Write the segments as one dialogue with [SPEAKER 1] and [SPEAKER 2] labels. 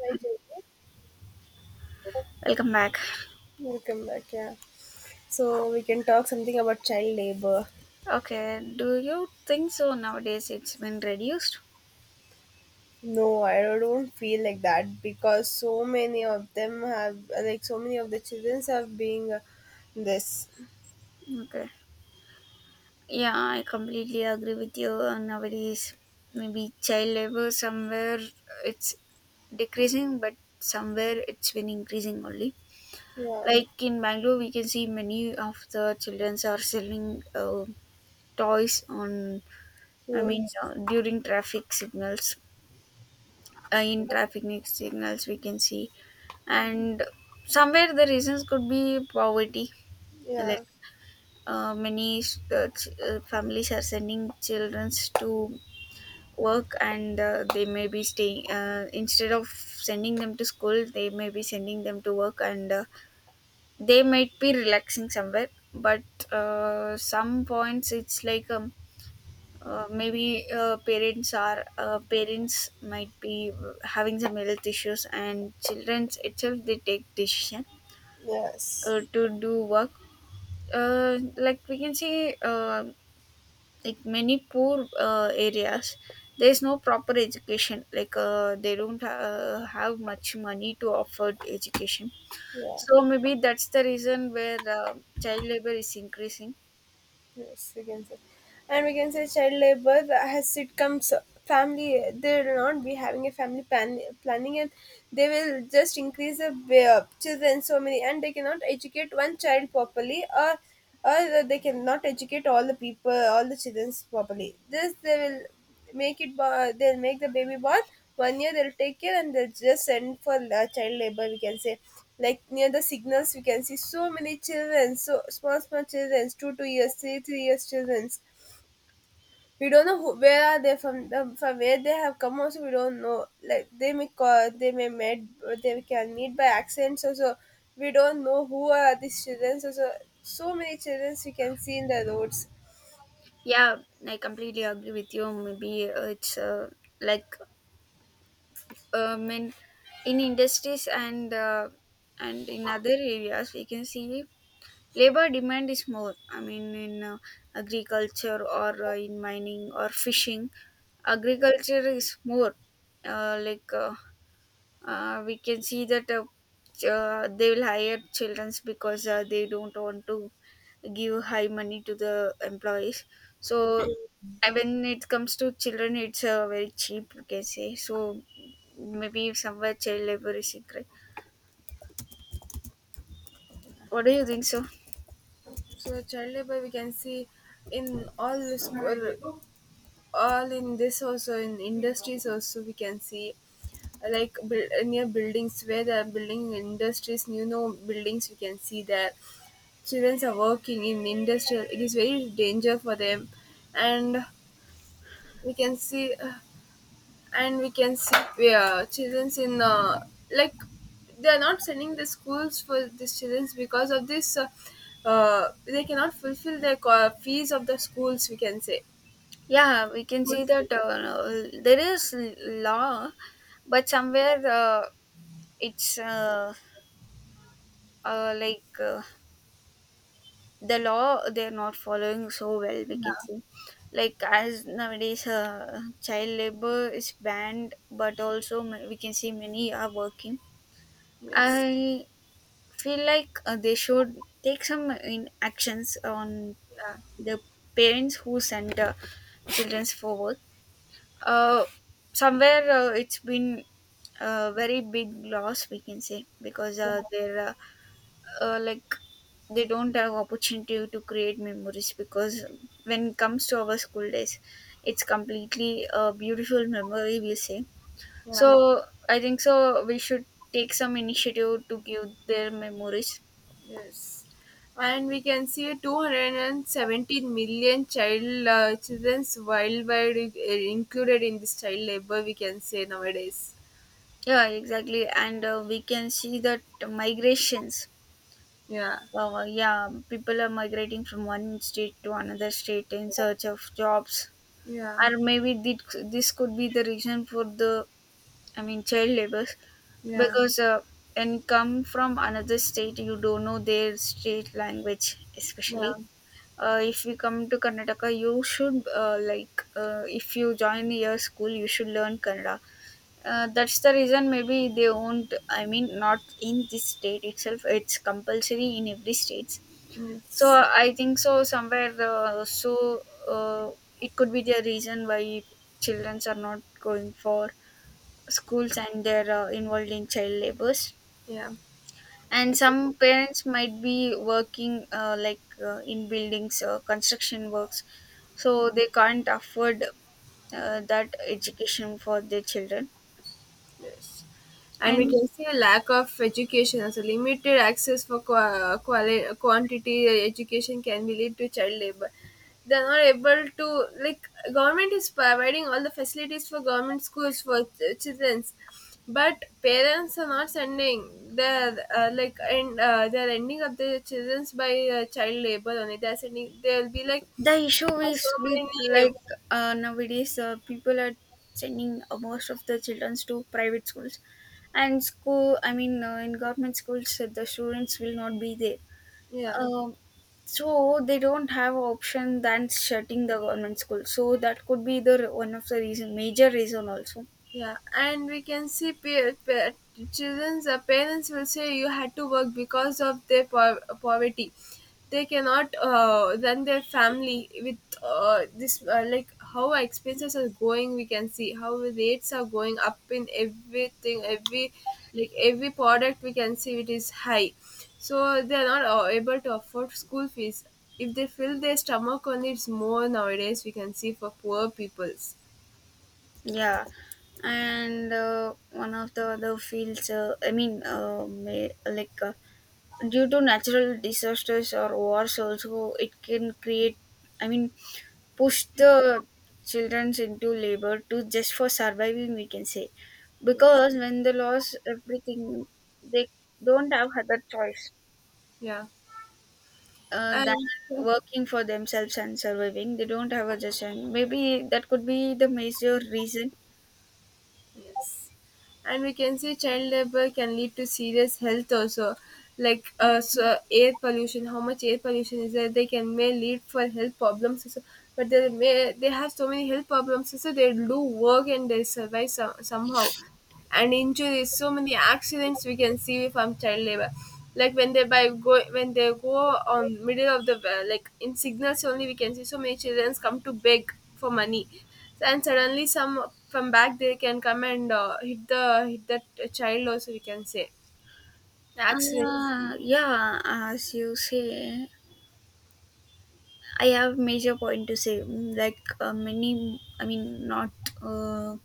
[SPEAKER 1] Right, okay.
[SPEAKER 2] Welcome back.
[SPEAKER 1] Welcome back. Yeah. So we can talk something about child labor.
[SPEAKER 2] Okay, do you think so nowadays it's been reduced?
[SPEAKER 1] No, I don't feel like that because so many of them have, like, so many of the children have been this.
[SPEAKER 2] Okay. Yeah, I completely agree with you. Nowadays, maybe child labor somewhere it's decreasing, but somewhere it's been increasing only.
[SPEAKER 1] Yeah.
[SPEAKER 2] Like in Bangalore, we can see many of the childrens are selling toys on, I
[SPEAKER 1] So
[SPEAKER 2] mean,
[SPEAKER 1] it's-
[SPEAKER 2] during traffic signals. In traffic signals, we can see. And somewhere the reasons could be poverty
[SPEAKER 1] Yeah.
[SPEAKER 2] like many families are sending children to work and they may be staying instead of sending them to school they may be sending them to work and they might be relaxing somewhere but some points it's like maybe parents might be having some health issues and children itself they take decision
[SPEAKER 1] Yes.
[SPEAKER 2] to do work, like we can see like many poor areas there is no proper education like they don't have much money to offer education,
[SPEAKER 1] Yeah.
[SPEAKER 2] so maybe that's the reason where child labor is increasing.
[SPEAKER 1] Yes, we can say. And we can say child labor, as it comes, family, they will not be having a family planning, and they will just increase the children so many, and they cannot educate one child properly, or they cannot educate all the children properly. This they will they'll make the baby born. One year they'll take care and they'll just send for child labor, we can say. Like, near the signals we can see so many children, so small small children, 2 2 years, 3 3 years children. We don't know who, where are they from where they have come also we don't know. Like they may call, they may meet, they can meet by accident. We don't know who are these children. So many children we can see in the roads.
[SPEAKER 2] Yeah, I completely agree with you. Maybe it's like um, in, in industries and and in other areas we can see labor demand is more. I mean, in agriculture or in mining or fishing, agriculture is more. uh, like uh, we can see that they will hire childrens because they don't want to give high money to the employees, so, and when it comes to children it's very cheap you can say. So maybe somewhere child labor is increased. What do you think so?
[SPEAKER 1] So child labor we can see in all the school, all in this, also in industries also we can see. Like near buildings, where the building industries, buildings, we can see that children are working in industrial, it is very danger for them. And we can see and we can see where childrens in, like they are not sending the schools for these children because of this, they cannot fulfill their fees of the schools, we can say.
[SPEAKER 2] Yeah, we can see
[SPEAKER 1] Schools, Yes,
[SPEAKER 2] that there is law, but somewhere it's like the law they're not following so well. We can see, like as nowadays, child labor is banned, but also we can see many are working.
[SPEAKER 1] yes.
[SPEAKER 2] I feel like they should take some in actions on
[SPEAKER 1] Yeah.
[SPEAKER 2] the parents who send children for work. Uh, somewhere it's been a very big loss, we can say, because
[SPEAKER 1] Yeah,
[SPEAKER 2] they're like they don't have opportunity to create memories because when it comes to our school days, it's completely a beautiful memory, we say.
[SPEAKER 1] yeah,
[SPEAKER 2] So I think so. We should take some initiative to give their memories.
[SPEAKER 1] yes. And we can see 217 million child children's worldwide, included in this child labor, we can say nowadays.
[SPEAKER 2] Yeah, exactly. And we can see that migrations,
[SPEAKER 1] Yeah,
[SPEAKER 2] yeah, people are migrating from one state to another state in search of jobs,
[SPEAKER 1] yeah,
[SPEAKER 2] or maybe this could be the reason for the, I mean, child labor,
[SPEAKER 1] yeah,
[SPEAKER 2] because when you come from another state, you don't know their state language,
[SPEAKER 1] yeah.
[SPEAKER 2] especially. If you come to Karnataka, you should if you join your school, you should learn Kannada. That's the reason maybe they won't. I mean, not in this state itself. It's compulsory in every state. So
[SPEAKER 1] Yes,
[SPEAKER 2] I think so somewhere it could be the reason why childrens are not going for schools and they're involved in child labors.
[SPEAKER 1] yeah.
[SPEAKER 2] And some parents might be working in buildings, construction works, so they can't afford that education for their children.
[SPEAKER 1] Yes. And we
[SPEAKER 2] And
[SPEAKER 1] can see a lack of education, also limited access for quantity education can be lead to child labor. They are not able to, like, government is providing all the facilities for government schools for childrens, but parents are not sending. They're like and they're ending up the childrens by child labor only. They're sending. They'll be like,
[SPEAKER 2] the issue
[SPEAKER 1] "Oh, so
[SPEAKER 2] is with
[SPEAKER 1] many."
[SPEAKER 2] like nowadays people are sending most of the children to private schools, and school. I mean, in government schools, the students will not be there.
[SPEAKER 1] Yeah.
[SPEAKER 2] Um, so they don't have option than shutting the government school. So that could be the one of the reason, major reason also.
[SPEAKER 1] Yeah, and we can see peer, children's parents will say you had to work because of their poverty. They cannot run their family with this, like how our expenses are going. We can see how rates are going up in everything, every product we can see it is high. So they are not able to afford school fees. If they fill their stomach only, it's more nowadays, we can see, for poor peoples.
[SPEAKER 2] Yeah, and one of the other fields. I mean, may, like. Due to natural disasters or wars also it can create, I mean, push the childrens into labor to just for surviving we can say,
[SPEAKER 1] Yes.
[SPEAKER 2] because when they lose everything they don't have other choice
[SPEAKER 1] Yeah.
[SPEAKER 2] than
[SPEAKER 1] And
[SPEAKER 2] working for themselves and surviving. They don't have other choice maybe. That could be the major reason.
[SPEAKER 1] yes, and we can say child labor can lead to serious health also, like so air pollution. How much air pollution is there? They can may lead for health problems also. But they have so many health problems also. They do work and they survive somehow. And injuries, so many accidents we can see from child labor. Like when they go on middle of the like in signals only, we can see so many children come to beg for money. And suddenly, some from back they can come and hit that child, also we can say. Accidents,
[SPEAKER 2] Yeah, as you say, I have major point to say, like many, I mean, not uh,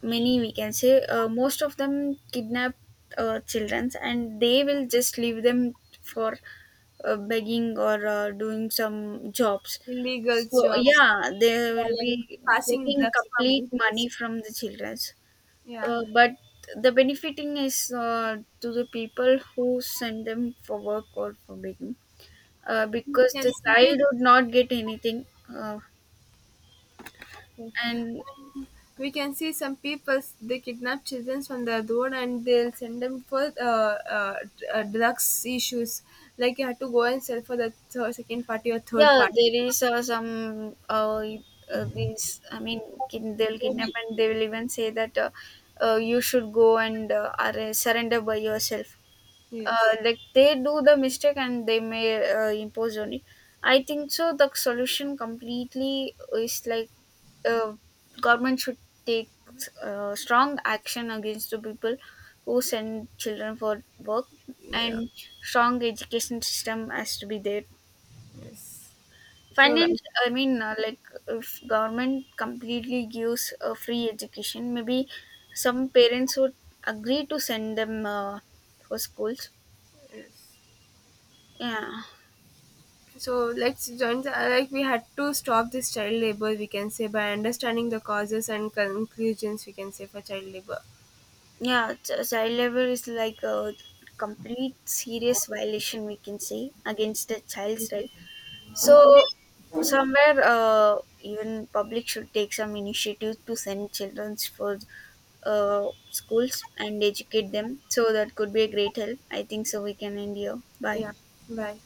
[SPEAKER 2] many, we can say, most of them kidnap children and they will just leave them for begging or doing some jobs.
[SPEAKER 1] illegal
[SPEAKER 2] So,
[SPEAKER 1] jobs,
[SPEAKER 2] yeah, they
[SPEAKER 1] yeah,
[SPEAKER 2] will
[SPEAKER 1] like
[SPEAKER 2] be
[SPEAKER 1] passing
[SPEAKER 2] taking
[SPEAKER 1] drugs from
[SPEAKER 2] complete
[SPEAKER 1] one
[SPEAKER 2] money
[SPEAKER 1] place.
[SPEAKER 2] from the children.
[SPEAKER 1] Yeah,
[SPEAKER 2] But the benefiting is to the people who send them for work or for begging,
[SPEAKER 1] we
[SPEAKER 2] because
[SPEAKER 1] can
[SPEAKER 2] the child
[SPEAKER 1] see
[SPEAKER 2] would not get anything. Uh, and
[SPEAKER 1] we can see some people, they kidnap children from the road and they'll send them for drugs issues. Like you have to go and sell for the third, second party or third
[SPEAKER 2] yeah,
[SPEAKER 1] party.
[SPEAKER 2] there is some these, I mean, they'll kidnap
[SPEAKER 1] Maybe.
[SPEAKER 2] and they will even say that you should go and surrender by yourself,
[SPEAKER 1] Yes.
[SPEAKER 2] like they do the mistake and they may impose on it. I think so the solution completely is like, uh, government should take strong action against the people who send children for work,
[SPEAKER 1] Yeah, yeah.
[SPEAKER 2] and strong education system has to be there.
[SPEAKER 1] Yes. So
[SPEAKER 2] Finance, I mean, if government completely gives a free education maybe some parents would agree to send them for schools. Yeah.
[SPEAKER 1] let's join the, like, we had to stop this child labor, we can say, by understanding the causes and conclusions we can say for child labor.
[SPEAKER 2] Yeah, child labor is like a complete serious violation we can say against the child's right. So somewhere, even public should take some initiative to send childrens for schools and educate them. So that could be a great help. I think so. We can end here.
[SPEAKER 1] Yeah,
[SPEAKER 2] Bye.
[SPEAKER 1] bye.